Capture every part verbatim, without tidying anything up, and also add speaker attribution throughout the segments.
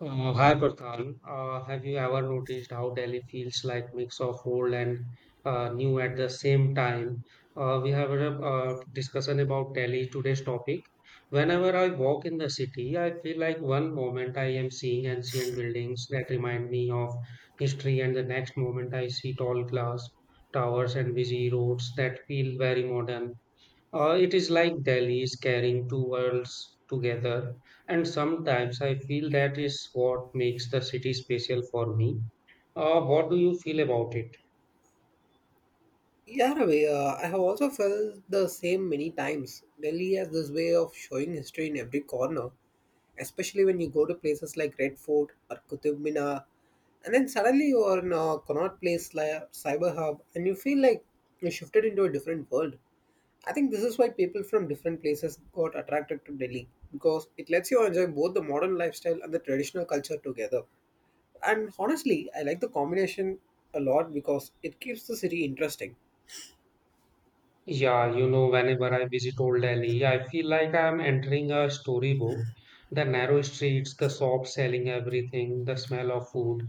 Speaker 1: Uh, hi Prathan, uh, have you ever noticed how Delhi feels like mix of old and uh, new at the same time? Uh, we have a uh, discussion about Delhi today's topic. Whenever I walk in the city, I feel like one moment I am seeing ancient buildings that remind me of history, and the next moment I see tall glass towers and busy roads that feel very modern. Uh, it is like Delhi is carrying two worlds together, and sometimes I feel that is what makes the city special for me. Uh, what do you feel about it?
Speaker 2: Yeah, in way, uh, I have also felt the same many times. Delhi has this way of showing history in every corner, especially when you go to places like Red Fort or Qutub Minar, and then suddenly you are in a Connaught Place like Cyber Hub, and you feel like you shifted into a different world. I think this is why people from different places got attracted to Delhi because it lets you enjoy both the modern lifestyle and the traditional culture together. And honestly, I like the combination a lot because it keeps the city interesting.
Speaker 1: Yeah, you know, whenever I visit Old Delhi, I feel like I'm entering a storybook. The narrow streets, the shops selling everything, the smell of food,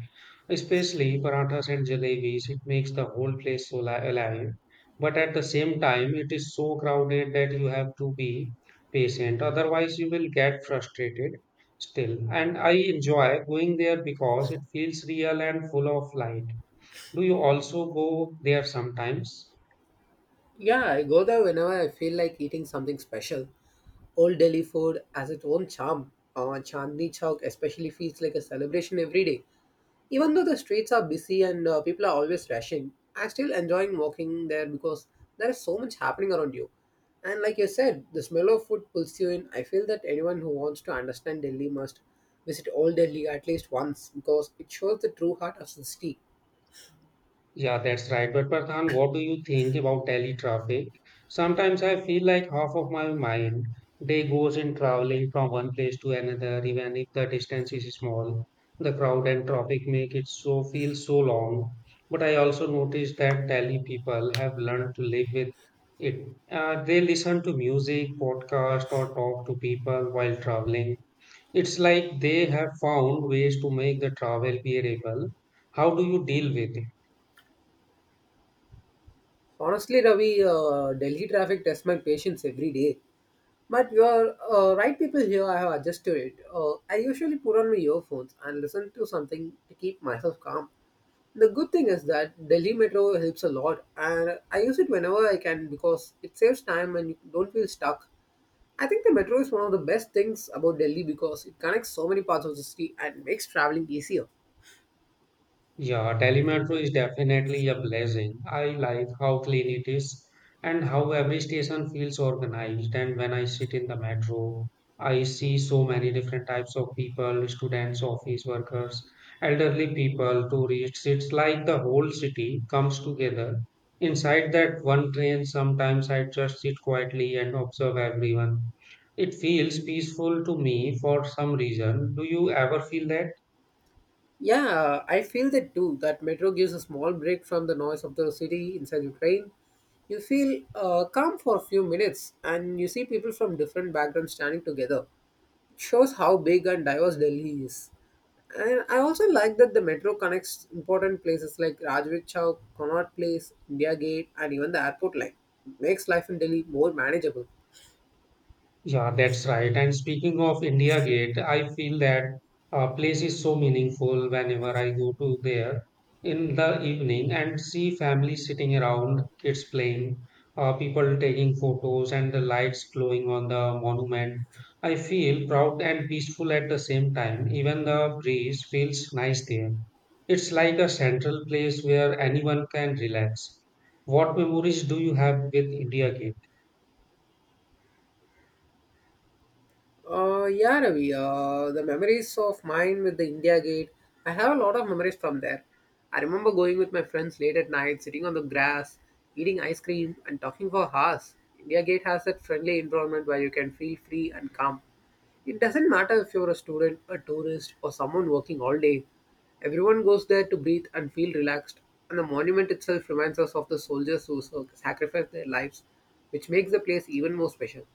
Speaker 1: especially parathas and jalebis, it makes the whole place so li- alive. But at the same time, it is so crowded that you have to be patient, otherwise, you will get frustrated still. And I enjoy going there because it feels real and full of light. Do you also go there sometimes?
Speaker 2: Yeah, I go there whenever I feel like eating something special. Old Delhi food has its own charm. Uh, Chandni Chowk especially feels like a celebration every day. Even though the streets are busy and uh, people are always rushing, I still enjoying walking there because there is so much happening around you. And like you said, the smell of food pulls you in. I feel that anyone who wants to understand Delhi must visit Old Delhi at least once because it shows the true heart of the city.
Speaker 1: Yeah, that's right. But Pradhan, what do you think about Delhi traffic? Sometimes I feel like half of my mind day goes in traveling from one place to another, even if the distance is small. The crowd and traffic make it so feel so long. But I also noticed that Delhi people have learned to live with it. Uh, they listen to music, podcast, or talk to people while traveling. It's like they have found ways to make the travel bearable. How do you deal with it?
Speaker 2: Honestly, Ravi, uh, Delhi traffic tests my patience every day. But you're uh, right, people here. I have adjusted it. Uh, I usually put on my earphones and listen to something to keep myself calm. The good thing is that Delhi Metro helps a lot, and I use it whenever I can because it saves time and you don't feel stuck. I think the metro is one of the best things about Delhi because it connects so many parts of the city and makes traveling easier.
Speaker 1: Yeah, telemetro is definitely a blessing. I like how clean it is and how every station feels organized. And when I sit in the metro, I see so many different types of people, students, office workers, elderly people, tourists. It's like the whole city comes together. Inside that one train, sometimes I just sit quietly and observe everyone. It feels peaceful to me for some reason. Do you ever feel that?
Speaker 2: Yeah, I feel that too. That metro gives a small break from the noise of the city inside the train. You feel uh, calm for a few minutes and you see people from different backgrounds standing together. It shows how big and diverse Delhi is. And I also like that the metro connects important places like Rajvik Chowk, Connaught Place, India Gate, and even the airport line. It makes life in Delhi more manageable.
Speaker 1: Yeah, that's right. And speaking of India Gate, I feel that uh, place is so meaningful whenever I go to there in the evening and see families sitting around, kids playing, uh, people taking photos, and the lights glowing on the monument. I feel proud and peaceful at the same time. Even the breeze feels nice there. It's like a central place where anyone can relax. What memories do you have with India Gate?
Speaker 2: Uh, yeah, Ravi, uh, the memories of mine with the India Gate, I have a lot of memories from there. I remember going with my friends late at night, sitting on the grass, eating ice cream, and talking for hours. India Gate has that friendly environment where you can feel free and calm. It doesn't matter if you're a student, a tourist, or someone working all day. Everyone goes there to breathe and feel relaxed, and the monument itself reminds us of the soldiers who sac- sacrificed their lives, which makes the place even more special.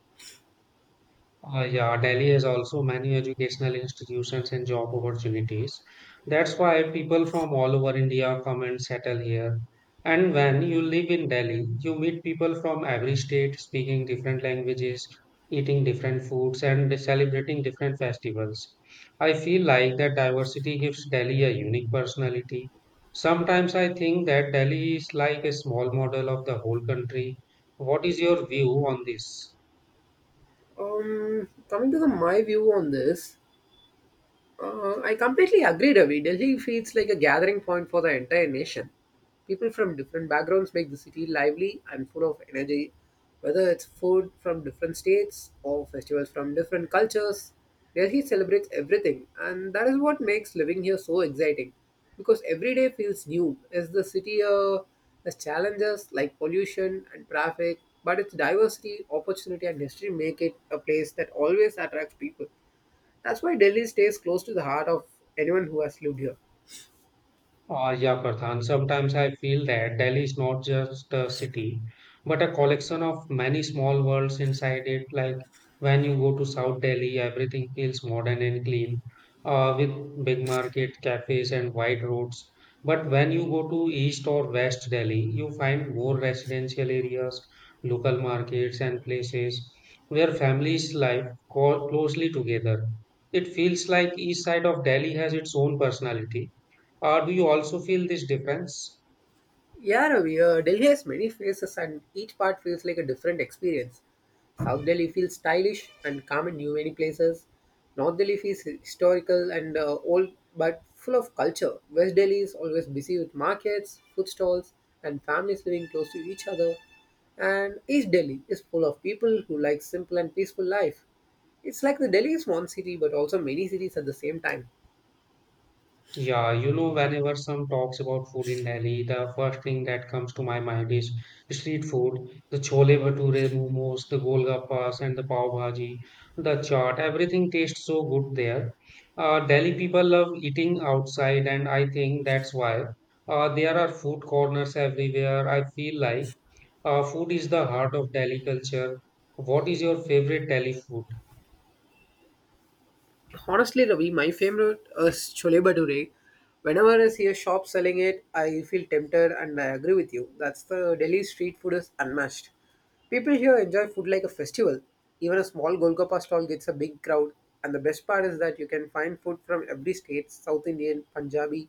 Speaker 1: Uh, yeah, Delhi has also many educational institutions and job opportunities. That's why people from all over India come and settle here. And when you live in Delhi, you meet people from every state speaking different languages, eating different foods, and celebrating different festivals. I feel like that diversity gives Delhi a unique personality. Sometimes I think that Delhi is like a small model of the whole country. What is your view on this?
Speaker 2: Um, coming to the my view on this, uh, I completely agree, Ravi. Delhi feels like a gathering point for the entire nation. People from different backgrounds make the city lively and full of energy. Whether it's food from different states or festivals from different cultures, Delhi celebrates everything, and that is what makes living here so exciting. Because every day feels new. As the city uh, has challenges like pollution and traffic, but its diversity, opportunity, and history make it a place that always attracts people. That's why Delhi stays close to the heart of anyone who has lived here.
Speaker 1: Uh, yeah, Pradhan. Sometimes I feel that Delhi is not just a city, but a collection of many small worlds inside it. Like when you go to South Delhi, everything feels modern and clean, uh, with big market, cafes, and wide roads. But when you go to East or West Delhi, you find more residential areas, local markets, and places where families live co- closely together. It feels like each side of Delhi has its own personality, uh, do you also feel this difference?
Speaker 2: Yeah, Ravi, uh, Delhi has many faces and each part feels like a different experience. South Delhi feels stylish and calm in new many places. North Delhi feels historical and uh, old but full of culture. West Delhi is always busy with markets, food stalls, and families living close to each other. And East Delhi is full of people who like simple and peaceful life. It's like the Delhi is one city but also many cities at the same time.
Speaker 1: Yeah, you know, whenever some talks about food in Delhi, the first thing that comes to my mind is street food, the chole bhature, momos, the golgappas, and the pav bhaji, the chaat. Everything tastes so good there. Uh, Delhi people love eating outside, and I think that's why uh, there are food corners everywhere. I feel like uh, food is the heart of Delhi culture. What is your favorite Delhi food?
Speaker 2: Honestly, Ravi, my favorite is chole bhature. Whenever I see a shop selling it, I feel tempted, and I agree with you. That's the Delhi street food is unmatched. People here enjoy food like a festival. Even a small Golgappa stall gets a big crowd. And the best part is that you can find food from every state: South Indian, Punjabi,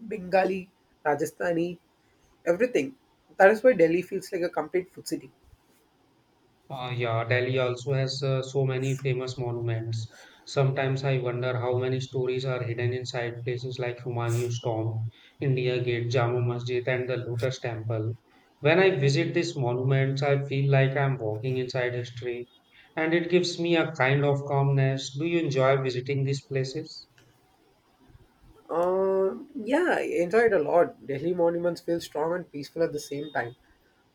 Speaker 2: Bengali, Rajasthani, everything. That is why Delhi feels like a complete food city.
Speaker 1: Uh, yeah, Delhi also has uh, so many famous monuments. Sometimes I wonder how many stories are hidden inside places like Humayun's tomb, India Gate, Jama Masjid, and the Lotus Temple. When I visit these monuments, I feel like I'm walking inside history, and it gives me a kind of calmness. Do you enjoy visiting these places?
Speaker 2: Uh, yeah, I enjoyed a lot. Delhi monuments feel strong and peaceful at the same time.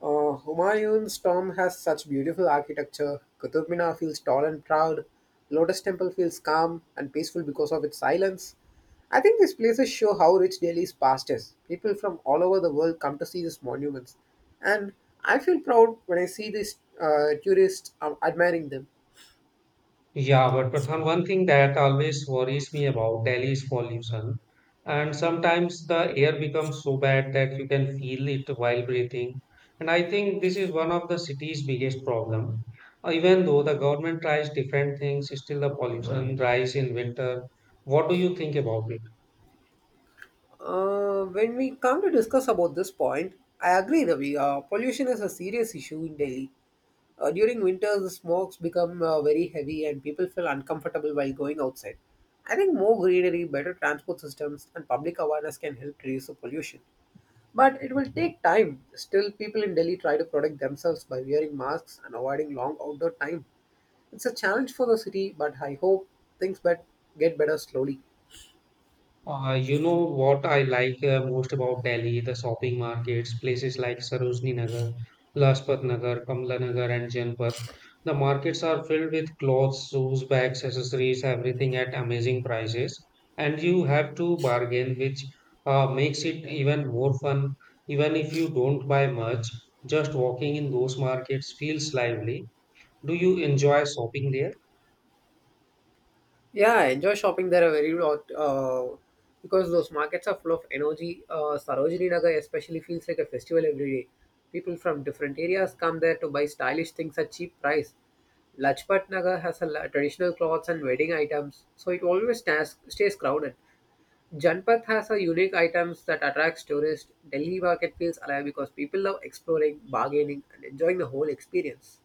Speaker 2: Uh, Humayun's tomb has such beautiful architecture. Qutub Minar feels tall and proud. Lotus Temple feels calm and peaceful because of its silence. I think these places show how rich Delhi's past is. People from all over the world come to see these monuments, and I feel proud when I see these uh, tourists um, admiring them.
Speaker 1: Yeah, but Pradhan, one thing that always worries me about Delhi is pollution. And sometimes the air becomes so bad that you can feel it while breathing. And I think this is one of the city's biggest problem. Uh, Even though the government tries different things, still the pollution rise in winter. What do you think about it?
Speaker 2: Uh, when we come to discuss about this point, I agree, Ravi. Uh, pollution is a serious issue in Delhi. Uh, during winter, the smokes become uh, very heavy and people feel uncomfortable while going outside. I think more greenery, better transport systems, and public awareness can help reduce the pollution. But it will take time. Still, people in Delhi try to protect themselves by wearing masks and avoiding long outdoor time. It's a challenge for the city, but I hope things bet- get better slowly.
Speaker 1: Uh, you know what I like uh, most about Delhi, the shopping markets, places like Sarojini Nagar, Lajpat Nagar, Kamla Nagar, and Janpat. The markets are filled with clothes, shoes, bags, accessories, everything at amazing prices, and you have to bargain, which uh, makes it even more fun. Even if you don't buy much, just walking in those markets feels lively. Do you enjoy shopping there?
Speaker 2: Yeah, I enjoy shopping there a very lot uh, because those markets are full of energy. Uh, Sarojini Nagar especially feels like a festival every day. People from different areas come there to buy stylish things at cheap price. Lajpat Nagar has a la- traditional clothes and wedding items, so it always stays, stays crowded. Janpat has a unique items that attracts tourists. Delhi market feels alive because people love exploring, bargaining, and enjoying the whole experience.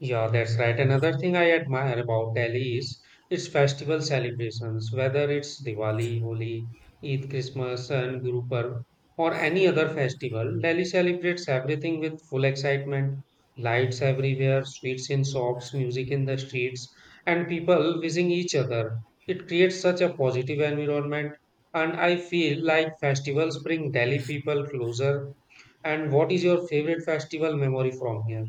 Speaker 1: Yeah, that's right. Another thing I admire about Delhi is its festival celebrations, whether it's Diwali, Holi, Eid, Christmas, and Guru Parv, or any other festival. Delhi celebrates everything with full excitement, lights everywhere, sweets in shops, music in the streets, and people visiting each other. It creates such a positive environment, and I feel like festivals bring Delhi people closer. And what is your favorite festival memory from here?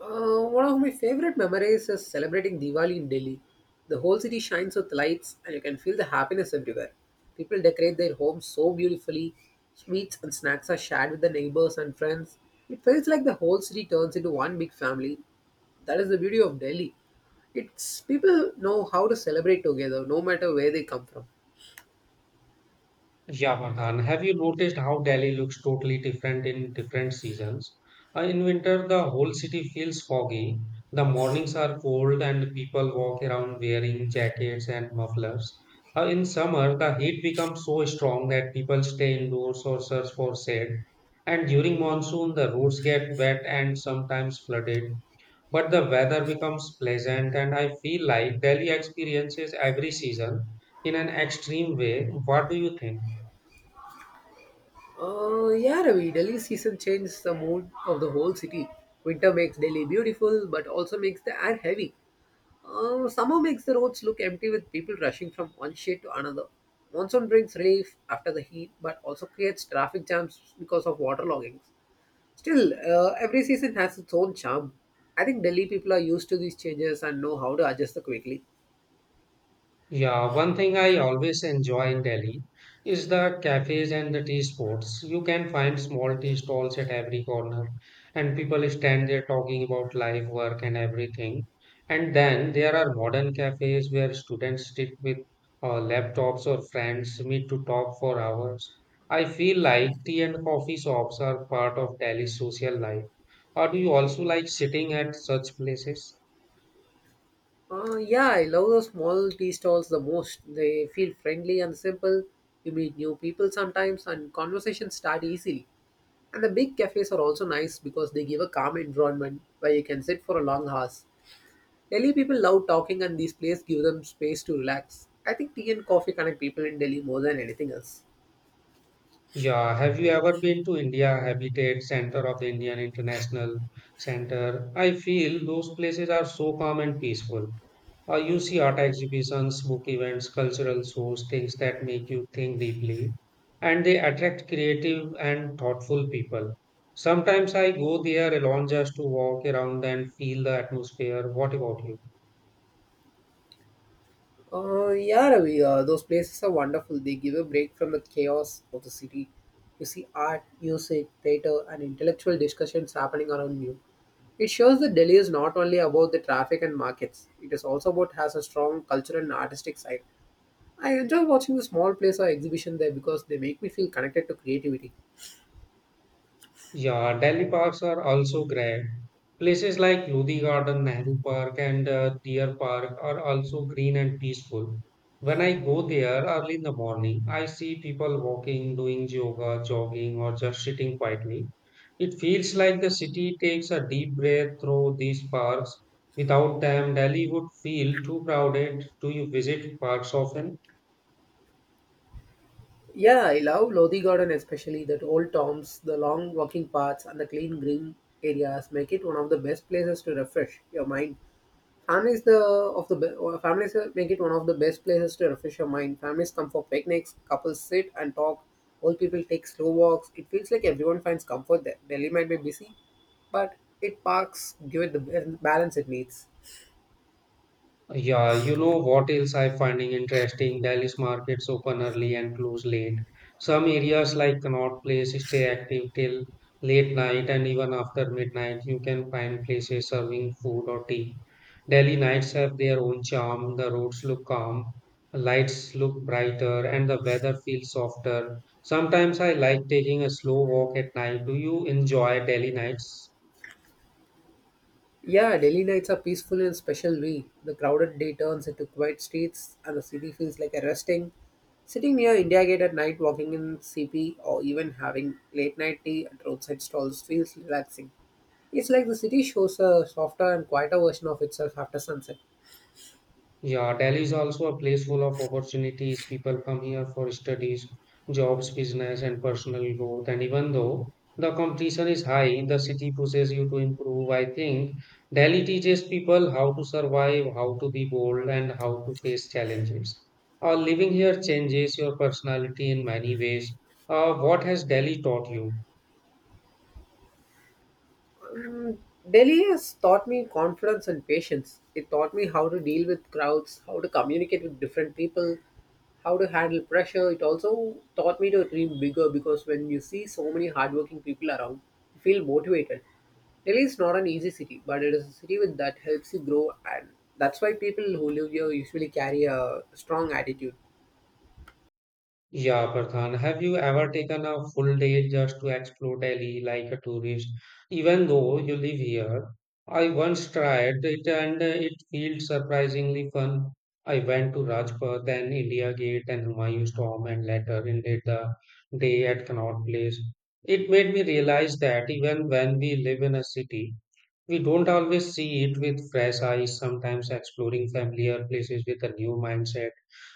Speaker 2: Uh, one of my favorite memories is celebrating Diwali in Delhi. The whole city shines with lights, and you can feel the happiness everywhere. People decorate their homes so beautifully. Sweets and snacks are shared with the neighbors and friends. It feels like the whole city turns into one big family. That is the beauty of Delhi. It's people know how to celebrate together, no matter where they come from.
Speaker 1: Yeah, Farhan, have you noticed how Delhi looks totally different in different seasons? Uh, in winter, the whole city feels foggy. The mornings are cold, and people walk around wearing jackets and mufflers. Uh, in summer, the heat becomes so strong that people stay indoors or search for shade. And during monsoon, the roads get wet and sometimes flooded. But the weather becomes pleasant, and I feel like Delhi experiences every season in an extreme way. What do you think?
Speaker 2: Uh, yeah, Ravi, Delhi season changes the mood of the whole city. Winter makes Delhi beautiful, but also makes the air heavy. Uh, summer makes the roads look empty with people rushing from one shade to another. Monsoon brings relief after the heat, but also creates traffic jams because of water loggings. Still, uh, every season has its own charm. I think Delhi people are used to these changes and know how to adjust the quickly.
Speaker 1: Yeah, one thing I always enjoy in Delhi is the cafes and the tea spots. You can find small tea stalls at every corner, and people stand there talking about life, work, and everything. And then there are modern cafes where students sit with uh, laptops or friends meet to talk for hours. I feel like tea and coffee shops are part of Delhi's social life. Or do you also like sitting at such places?
Speaker 2: Uh, yeah, I love those small tea stalls the most. They feel friendly and simple. You meet new people sometimes, and conversations start easily. And the big cafes are also nice because they give a calm environment where you can sit for a long hours. Delhi people love talking and these places give them space to relax. I think tea and coffee connect people in Delhi more than anything else.
Speaker 1: Yeah, have you ever been to India Habitat Center of the Indian International Center? I feel those places are so calm and peaceful. Uh, you see art exhibitions, book events, cultural shows, things that make you think deeply, and they attract creative and thoughtful people. Sometimes I go there alone just to walk around and feel the atmosphere. What about you?
Speaker 2: Uh, yeah, Ravi, uh, those places are wonderful. They give a break from the chaos of the city. You see art, music, theatre, and intellectual discussions happening around you. It shows that Delhi is not only about the traffic and markets, it is also about has a strong cultural and artistic side. I enjoy watching the small plays or exhibition there because they make me feel connected to creativity.
Speaker 1: Yeah, Delhi parks are also great. Places like Lodi Garden, Nehru Park, and uh, Deer Park are also green and peaceful. When I go there early in the morning, I see people walking, doing yoga, jogging, or just sitting quietly. It feels like the city takes a deep breath through these parks. Without them, Delhi would feel too crowded. Do you visit parks often?
Speaker 2: Yeah, I love Lodi Garden especially. That old tombs, the long walking paths, and the clean green areas make it one of the best places to refresh your mind. Families the of the be- or families uh, make it one of the best places to refresh your mind. Families come for picnics, couples sit and talk, old people take slow walks. It feels like everyone finds comfort there. Delhi might be busy, but it parks give it the ba- balance it needs.
Speaker 1: Yeah, you know what else I'm finding interesting? Delhi's markets open early and close late. Some areas like Connaught Place stay active till late night, and even after midnight, you can find places serving food or tea. Delhi nights have their own charm. The roads look calm, lights look brighter, and the weather feels softer. Sometimes I like taking a slow walk at night. Do you enjoy Delhi nights?
Speaker 2: Yeah, Delhi nights are peaceful in a special way. The crowded day turns into quiet streets and the city feels like a resting. Sitting near India Gate at night, walking in C P, or even having late night tea at roadside stalls feels relaxing. It's like the city shows a softer and quieter version of itself after sunset.
Speaker 1: Yeah, Delhi is also a place full of opportunities. People come here for studies, jobs, business, and personal growth. And even though the competition is high, the city pushes you to improve. I think Delhi teaches people how to survive, how to be bold, and how to face challenges. Uh, living here changes your personality in many ways. Uh, what has Delhi taught you?
Speaker 2: Delhi has taught me confidence and patience. It taught me how to deal with crowds, how to communicate with different people, how to handle pressure. It also taught me to dream bigger because when you see so many hardworking people around, you feel motivated. Delhi is not an easy city, but it is a city with that helps you grow, and that's why people who live here usually carry a strong attitude.
Speaker 1: Yeah, Farhan, have you ever taken a full day just to explore Delhi like a tourist? Even though you live here, I once tried it and uh, it felt surprisingly fun. I went to Rajpath, then India Gate and Humayun's Tomb, and later ended the day at Connaught Place. It made me realize that even when we live in a city, we don't always see it with fresh eyes. Sometimes exploring familiar places with a new mindset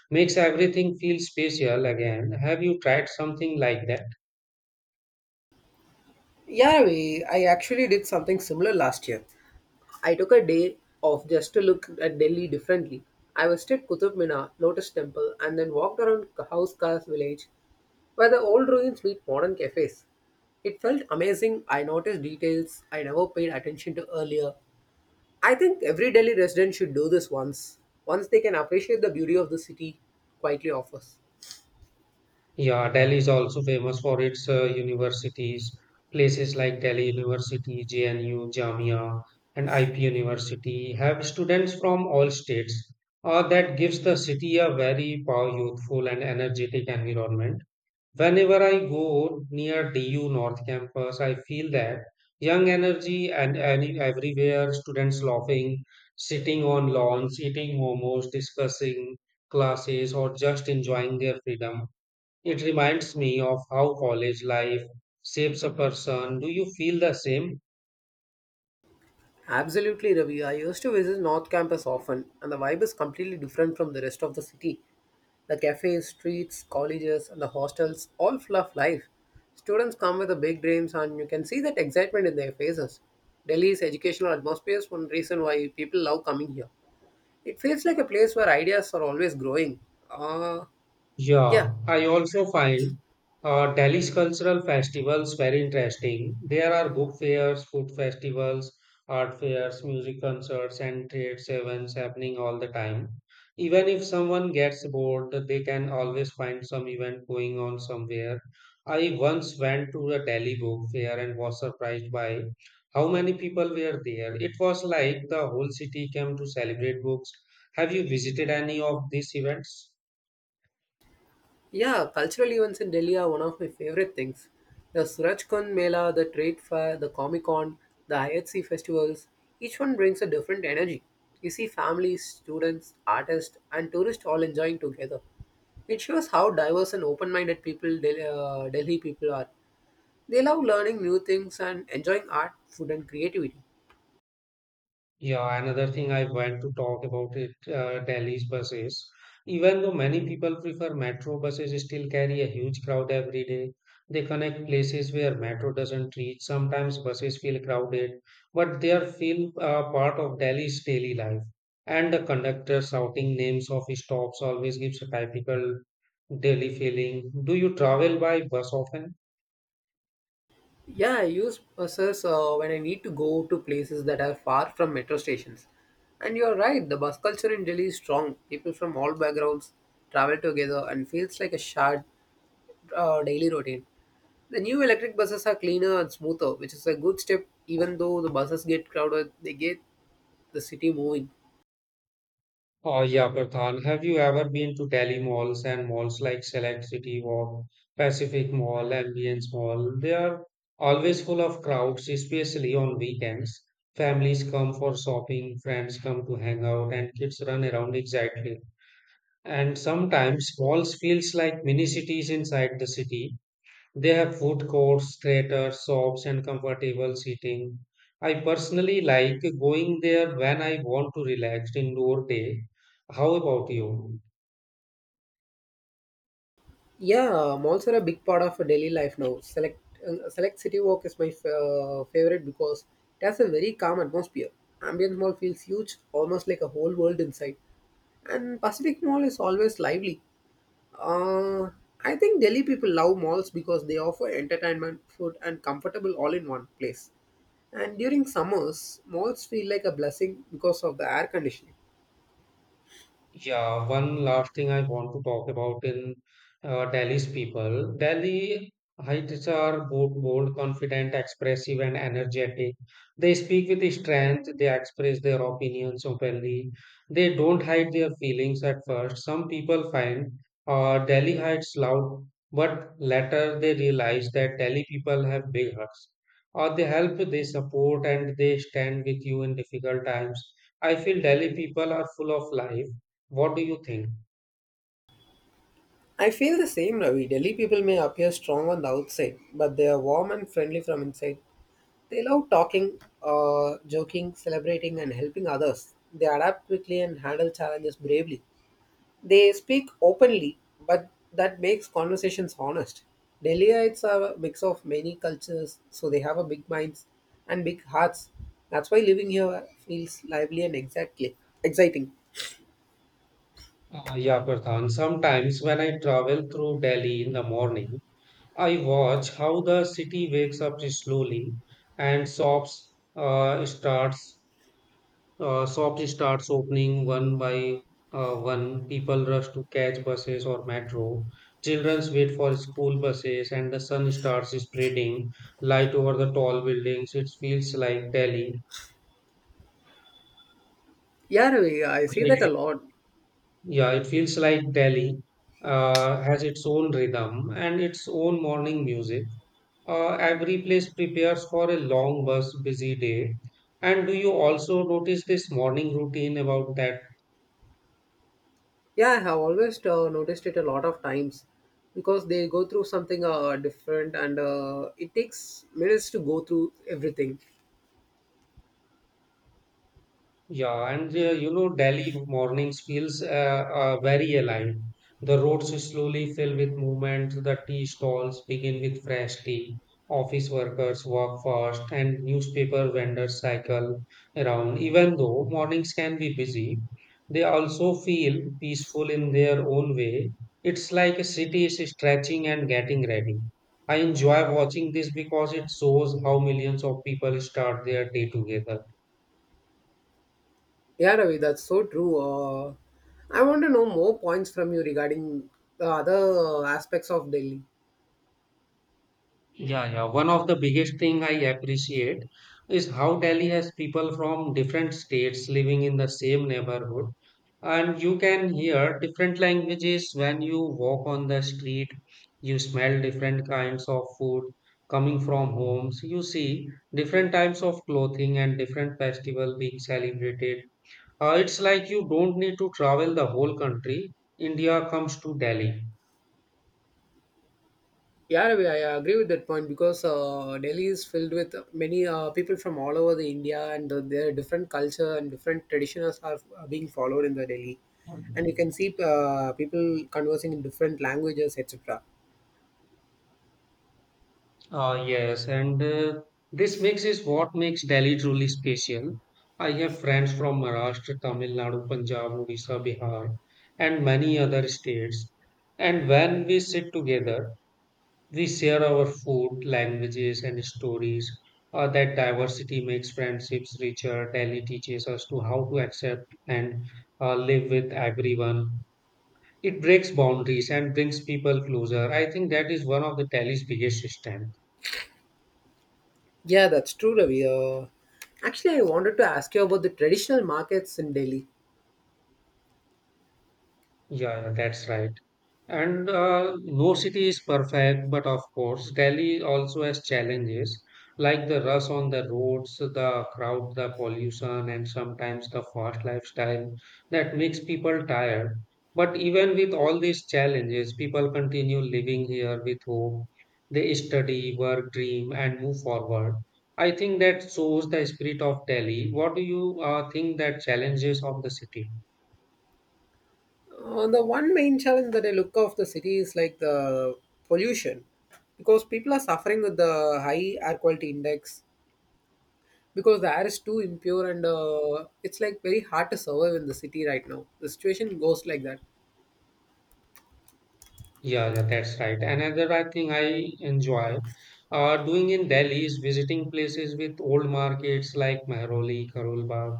Speaker 1: makes everything feel special again. Have you tried something like that?
Speaker 2: Yeah, we, I actually did something similar last year. I took a day off just to look at Delhi differently. I visited Qutub Minar, Lotus Temple, and then walked around House Khas village where the old ruins meet modern cafes. It felt amazing. I noticed details I never paid attention to earlier. I think every Delhi resident should do this once. Once they can appreciate the beauty of the city quietly offers.
Speaker 1: Yeah, Delhi is also famous for its uh, universities. Places like Delhi University, J N U, Jamia, and I P University have students from all states. Uh, that gives the city a very pow- youthful and energetic environment. Whenever I go near D U North campus, I feel that young energy and any, everywhere, students laughing, sitting on lawns, eating momos, discussing classes, or just enjoying their freedom. It reminds me of how college life shapes a person. Do you feel the same?
Speaker 2: Absolutely, Ravi. I used to visit North Campus often, and the vibe is completely different from the rest of the city. The cafes, streets, colleges, and the hostels all full of life. Students come with the big dreams, and you can see that excitement in their faces. Delhi's educational atmosphere is one reason why people love coming here. It feels like a place where ideas are always growing. Uh, yeah,
Speaker 1: Yeah, I also find uh, Delhi's cultural festivals very interesting. There are book fairs, food festivals, art fairs, music concerts, and trade events happening all the time. Even if someone gets bored, they can always find some event going on somewhere. I once went to a Delhi book fair and was surprised by how many people were there. It was like the whole city came to celebrate books. Have you visited any of these events?
Speaker 2: Yeah, cultural events in Delhi are one of my favorite things. The Suraj Kun Mela, the Trade Fair, the Comic Con, the I H C festivals, each one brings a different energy. You see families, students, artists, and tourists all enjoying together. It shows how diverse and open minded people Del- uh, Delhi people are. They love learning new things and enjoying art, food, and creativity.
Speaker 1: Yeah, another thing I want to talk about it, uh, Delhi's buses. Even though many people prefer metro buses, still carry a huge crowd every day. They connect places where metro doesn't reach. Sometimes buses feel crowded, but they are feel uh, part of Delhi's daily life. And the conductor shouting names of stops always gives a typical Delhi feeling. Do you travel by bus often?
Speaker 2: Yeah, I use buses uh, when I need to go to places that are far from metro stations. And you're right, the bus culture in Delhi is strong. People from all backgrounds travel together and feels like a shared uh, daily routine. The new electric buses are cleaner and smoother, which is a good step. Even though the buses get crowded, they get the city moving.
Speaker 1: Oh yeah, Pradhan. Have you ever been to Delhi malls and malls like Select City Walk, Pacific Mall, Ambience Mall? They are always full of crowds, especially on weekends. Families come for shopping, friends come to hang out, and kids run around excitedly. And sometimes malls feels like mini cities inside the city. They have food courts, theaters, shops, and comfortable seating. I personally like going there when I want to relax indoor day. How about you?
Speaker 2: Yeah, malls are a big part of daily life now. Select uh, select city walk is my f- uh, favorite because it has a very calm atmosphere. Ambient mall feels huge, almost like a whole world inside. And Pacific Mall is always lively. Uh, I think Delhi people love malls because they offer entertainment, food, and comfortable all in one place. And during summers, malls feel like a blessing because of the air conditioning.
Speaker 1: Yeah, one last thing I want to talk about in uh, Delhi's people. Delhi heights are both bold, confident, expressive, and energetic. They speak with strength, they express their opinions openly, they don't hide their feelings at first. Some people find uh, Delhi heights loud, but later they realize that Delhi people have big hearts. Or they help, they support, and they stand with you in difficult times. I feel Delhi people are full of life, what do you think?
Speaker 2: I feel the same, Ravi. Delhi people may appear strong on the outside, but they are warm and friendly from inside. They love talking, uh, joking, celebrating, and helping others. They adapt quickly and handle challenges bravely. They speak openly, but that makes conversations honest. Delhiites are a mix of many cultures, so they have a big minds and big hearts. That's why living here feels lively and exactly exciting.
Speaker 1: Uh, Yeah, Pradhan. Sometimes when I travel through Delhi in the morning, I watch how the city wakes up slowly and shops uh, starts uh, shops starts opening one by uh, one. People rush to catch buses or metro. Children wait for school buses, and the sun starts spreading light over the tall buildings. It feels like Delhi.
Speaker 2: Yeah, Ravi, I see that a lot.
Speaker 1: Yeah, it feels like Delhi uh, has its own rhythm and its own morning music. Uh, every place prepares for a long bus busy day. And do you also notice this morning routine about that?
Speaker 2: Yeah, I have always uh, noticed it a lot of times because they go through something uh, different and uh, it takes minutes to go through everything.
Speaker 1: Yeah, and uh, you know, Delhi mornings feels uh, uh, very alive. The roads slowly fill with movement. The tea stalls begin with fresh tea. Office workers walk fast, and newspaper vendors cycle around. Even though mornings can be busy, they also feel peaceful in their own way. It's like a city is stretching and getting ready. I enjoy watching this because it shows how millions of people start their day together.
Speaker 2: Yeah, Ravi, that's so true. Uh, I want to know more points from you regarding the other aspects of Delhi.
Speaker 1: Yeah, yeah. One of the biggest thing I appreciate is how Delhi has people from different states living in the same neighborhood, and you can hear different languages when you walk on the street. You smell different kinds of food coming from homes. You see different types of clothing and different festival being celebrated. Uh, it's like you don't need to travel the whole country. India comes to Delhi.
Speaker 2: Yeah, Ravi, I agree with that point because uh, Delhi is filled with many uh, people from all over the India and uh, their different culture and different traditions are uh, being followed in the Delhi. And you can see uh, people conversing in different languages, et cetera.
Speaker 1: Uh, yes, and uh, this mix is what makes Delhi truly special. I have friends from Maharashtra, Tamil Nadu, Punjab, Odisha, Bihar, and many other states. And when we sit together, we share our food, languages, and stories. Uh, that diversity makes friendships richer. Delhi teaches us to how to accept and uh, live with everyone. It breaks boundaries and brings people closer. I think that is one of the Delhi's biggest strengths.
Speaker 2: Yeah, that's true, Ravi. Uh, Actually, I wanted to ask you about the traditional markets in Delhi.
Speaker 1: Yeah, yeah, that's right. And uh, no city is perfect, but of course, Delhi also has challenges like the rush on the roads, the crowd, the pollution, and sometimes the fast lifestyle that makes people tired. But even with all these challenges, people continue living here with hope. They study, work, dream, and move forward. I think that shows the spirit of Delhi. What do you uh, think that challenges of the city?
Speaker 2: Uh, the one main challenge that I look of the city is like the pollution, because people are suffering with the high air quality index because the air is too impure and uh, it's like very hard to survive in the city right now. The situation goes like that.
Speaker 1: Yeah, yeah, that's right. Another I think I enjoy uh, doing in Delhi is visiting places with old markets like Mehroli, Karol Bagh,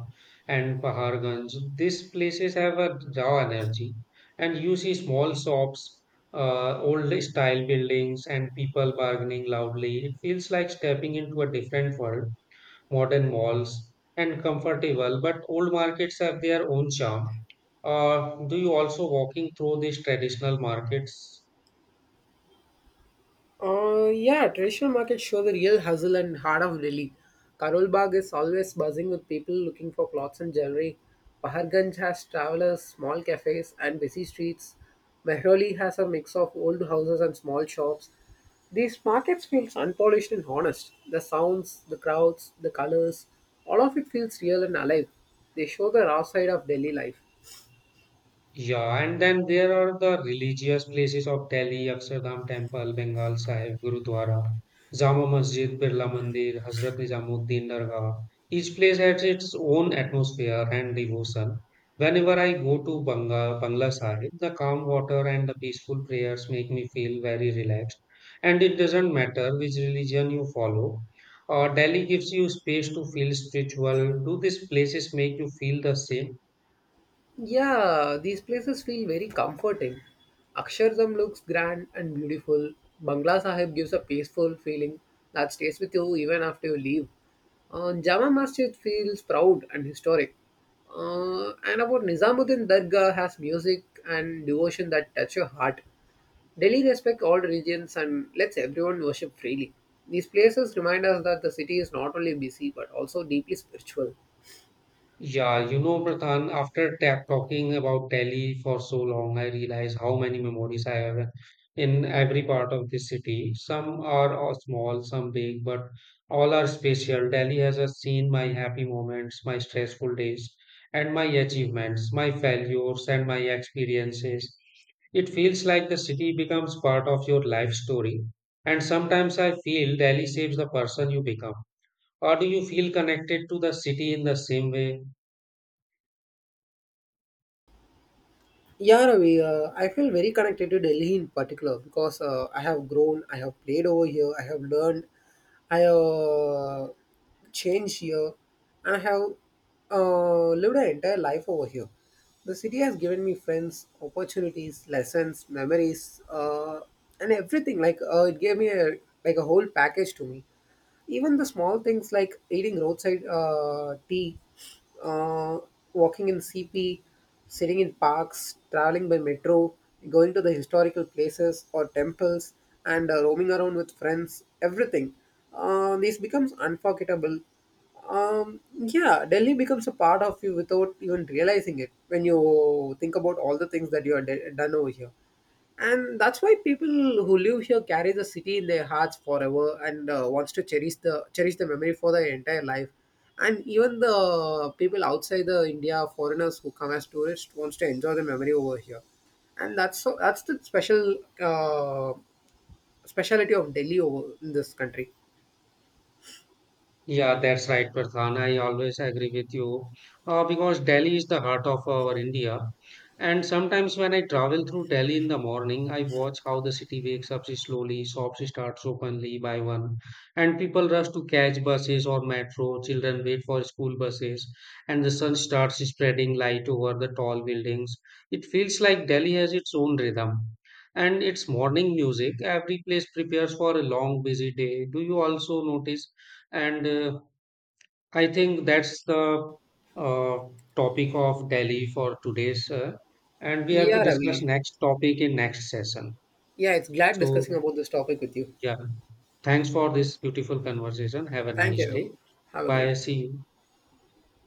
Speaker 1: and Paharganj. These places have a raw energy, and you see small shops, uh, old style buildings, and people bargaining loudly. It feels like stepping into a different world, modern malls and comfortable, but old markets have their own charm. Uh, do you also walking through these traditional markets?
Speaker 2: Uh, yeah, Traditional markets show the real hustle and heart of Delhi. Karol Bagh is always buzzing with people looking for clothes and jewelry. Paharganj has travelers, small cafes, and busy streets. Mehroli has a mix of old houses and small shops. These markets feels unpolished and honest. The sounds, the crowds, the colors, all of it feels real and alive. They show the raw side of Delhi life.
Speaker 1: Yeah, and then there are the religious places of Delhi, Akshardham Temple, Bengal Sahib, Gurudwara, Jama Masjid, Birla Mandir, Hazrat Nizamuddin Dargah. Each place has its own atmosphere and devotion. Whenever I go to Banga, Bangla Sahib, the calm water and the peaceful prayers make me feel very relaxed. And it doesn't matter which religion you follow. Uh, Delhi gives you space to feel spiritual. Do these places make you feel the same?
Speaker 2: Yeah, these places feel very comforting. Akshardham looks grand and beautiful. Bangla Sahib gives a peaceful feeling that stays with you even after you leave. Uh, Jama Masjid feels proud and historic. Uh, and about Nizamuddin Dargah has music and devotion that touch your heart. Delhi respects all religions and lets everyone worship freely. These places remind us that the city is not only busy but also deeply spiritual.
Speaker 1: Yeah, you know, Pradhan, after ta talking about Delhi for so long, I realize how many memories I have in every part of the city. Some are all small, some big, but all are special. Delhi has uh, seen my happy moments, my stressful days, and my achievements, my failures, and my experiences. It feels like the city becomes part of your life story. And sometimes I feel Delhi shapes the person you become. Or do you feel connected to the city in the same way?
Speaker 2: Yeah, Ravi, uh, I feel very connected to Delhi in particular because uh, I have grown, I have played over here, I have learned, I uh, changed here, and I have uh, lived an entire life over here. The city has given me friends, opportunities, lessons, memories, uh, and everything. Like uh, it gave me a like a whole package to me. Even the small things like eating roadside uh, tea uh, walking in C P, sitting in parks, traveling by metro, going to the historical places or temples, and uh, roaming around with friends, everything. Uh, this becomes unforgettable. Um, yeah, Delhi becomes a part of you without even realizing it when you think about all the things that you have done over here, and that's why people who live here carry the city in their hearts forever and uh, wants to cherish the cherish the memory for their entire life, and even the people outside the india foreigners who come as tourists wants to enjoy the memory over here, and that's so that's the special uh, speciality of delhi over in this country.
Speaker 1: Yeah, that's right, Pradhan. I always agree with you uh, because Delhi is the heart of our India. And sometimes when I travel through Delhi in the morning, I watch how the city wakes up slowly, shops start openly by one, and people rush to catch buses or metro, children wait for school buses, and the sun starts spreading light over the tall buildings. It feels like Delhi has its own rhythm. And its morning music, every place prepares for a long, busy day. Do you also notice? And uh, I think that's the uh, topic of Delhi for today's. Uh, and we have to
Speaker 2: Yeah,
Speaker 1: discuss
Speaker 2: Ravi,
Speaker 1: next topic in next session.
Speaker 2: yeah, it's glad
Speaker 1: So,
Speaker 2: discussing about this topic with you.
Speaker 1: yeah, thanks for this beautiful conversation. Have a
Speaker 2: Thank
Speaker 1: nice
Speaker 2: you,
Speaker 1: day.
Speaker 2: Ravi. Have a great
Speaker 1: Bye.
Speaker 2: day.
Speaker 1: See you.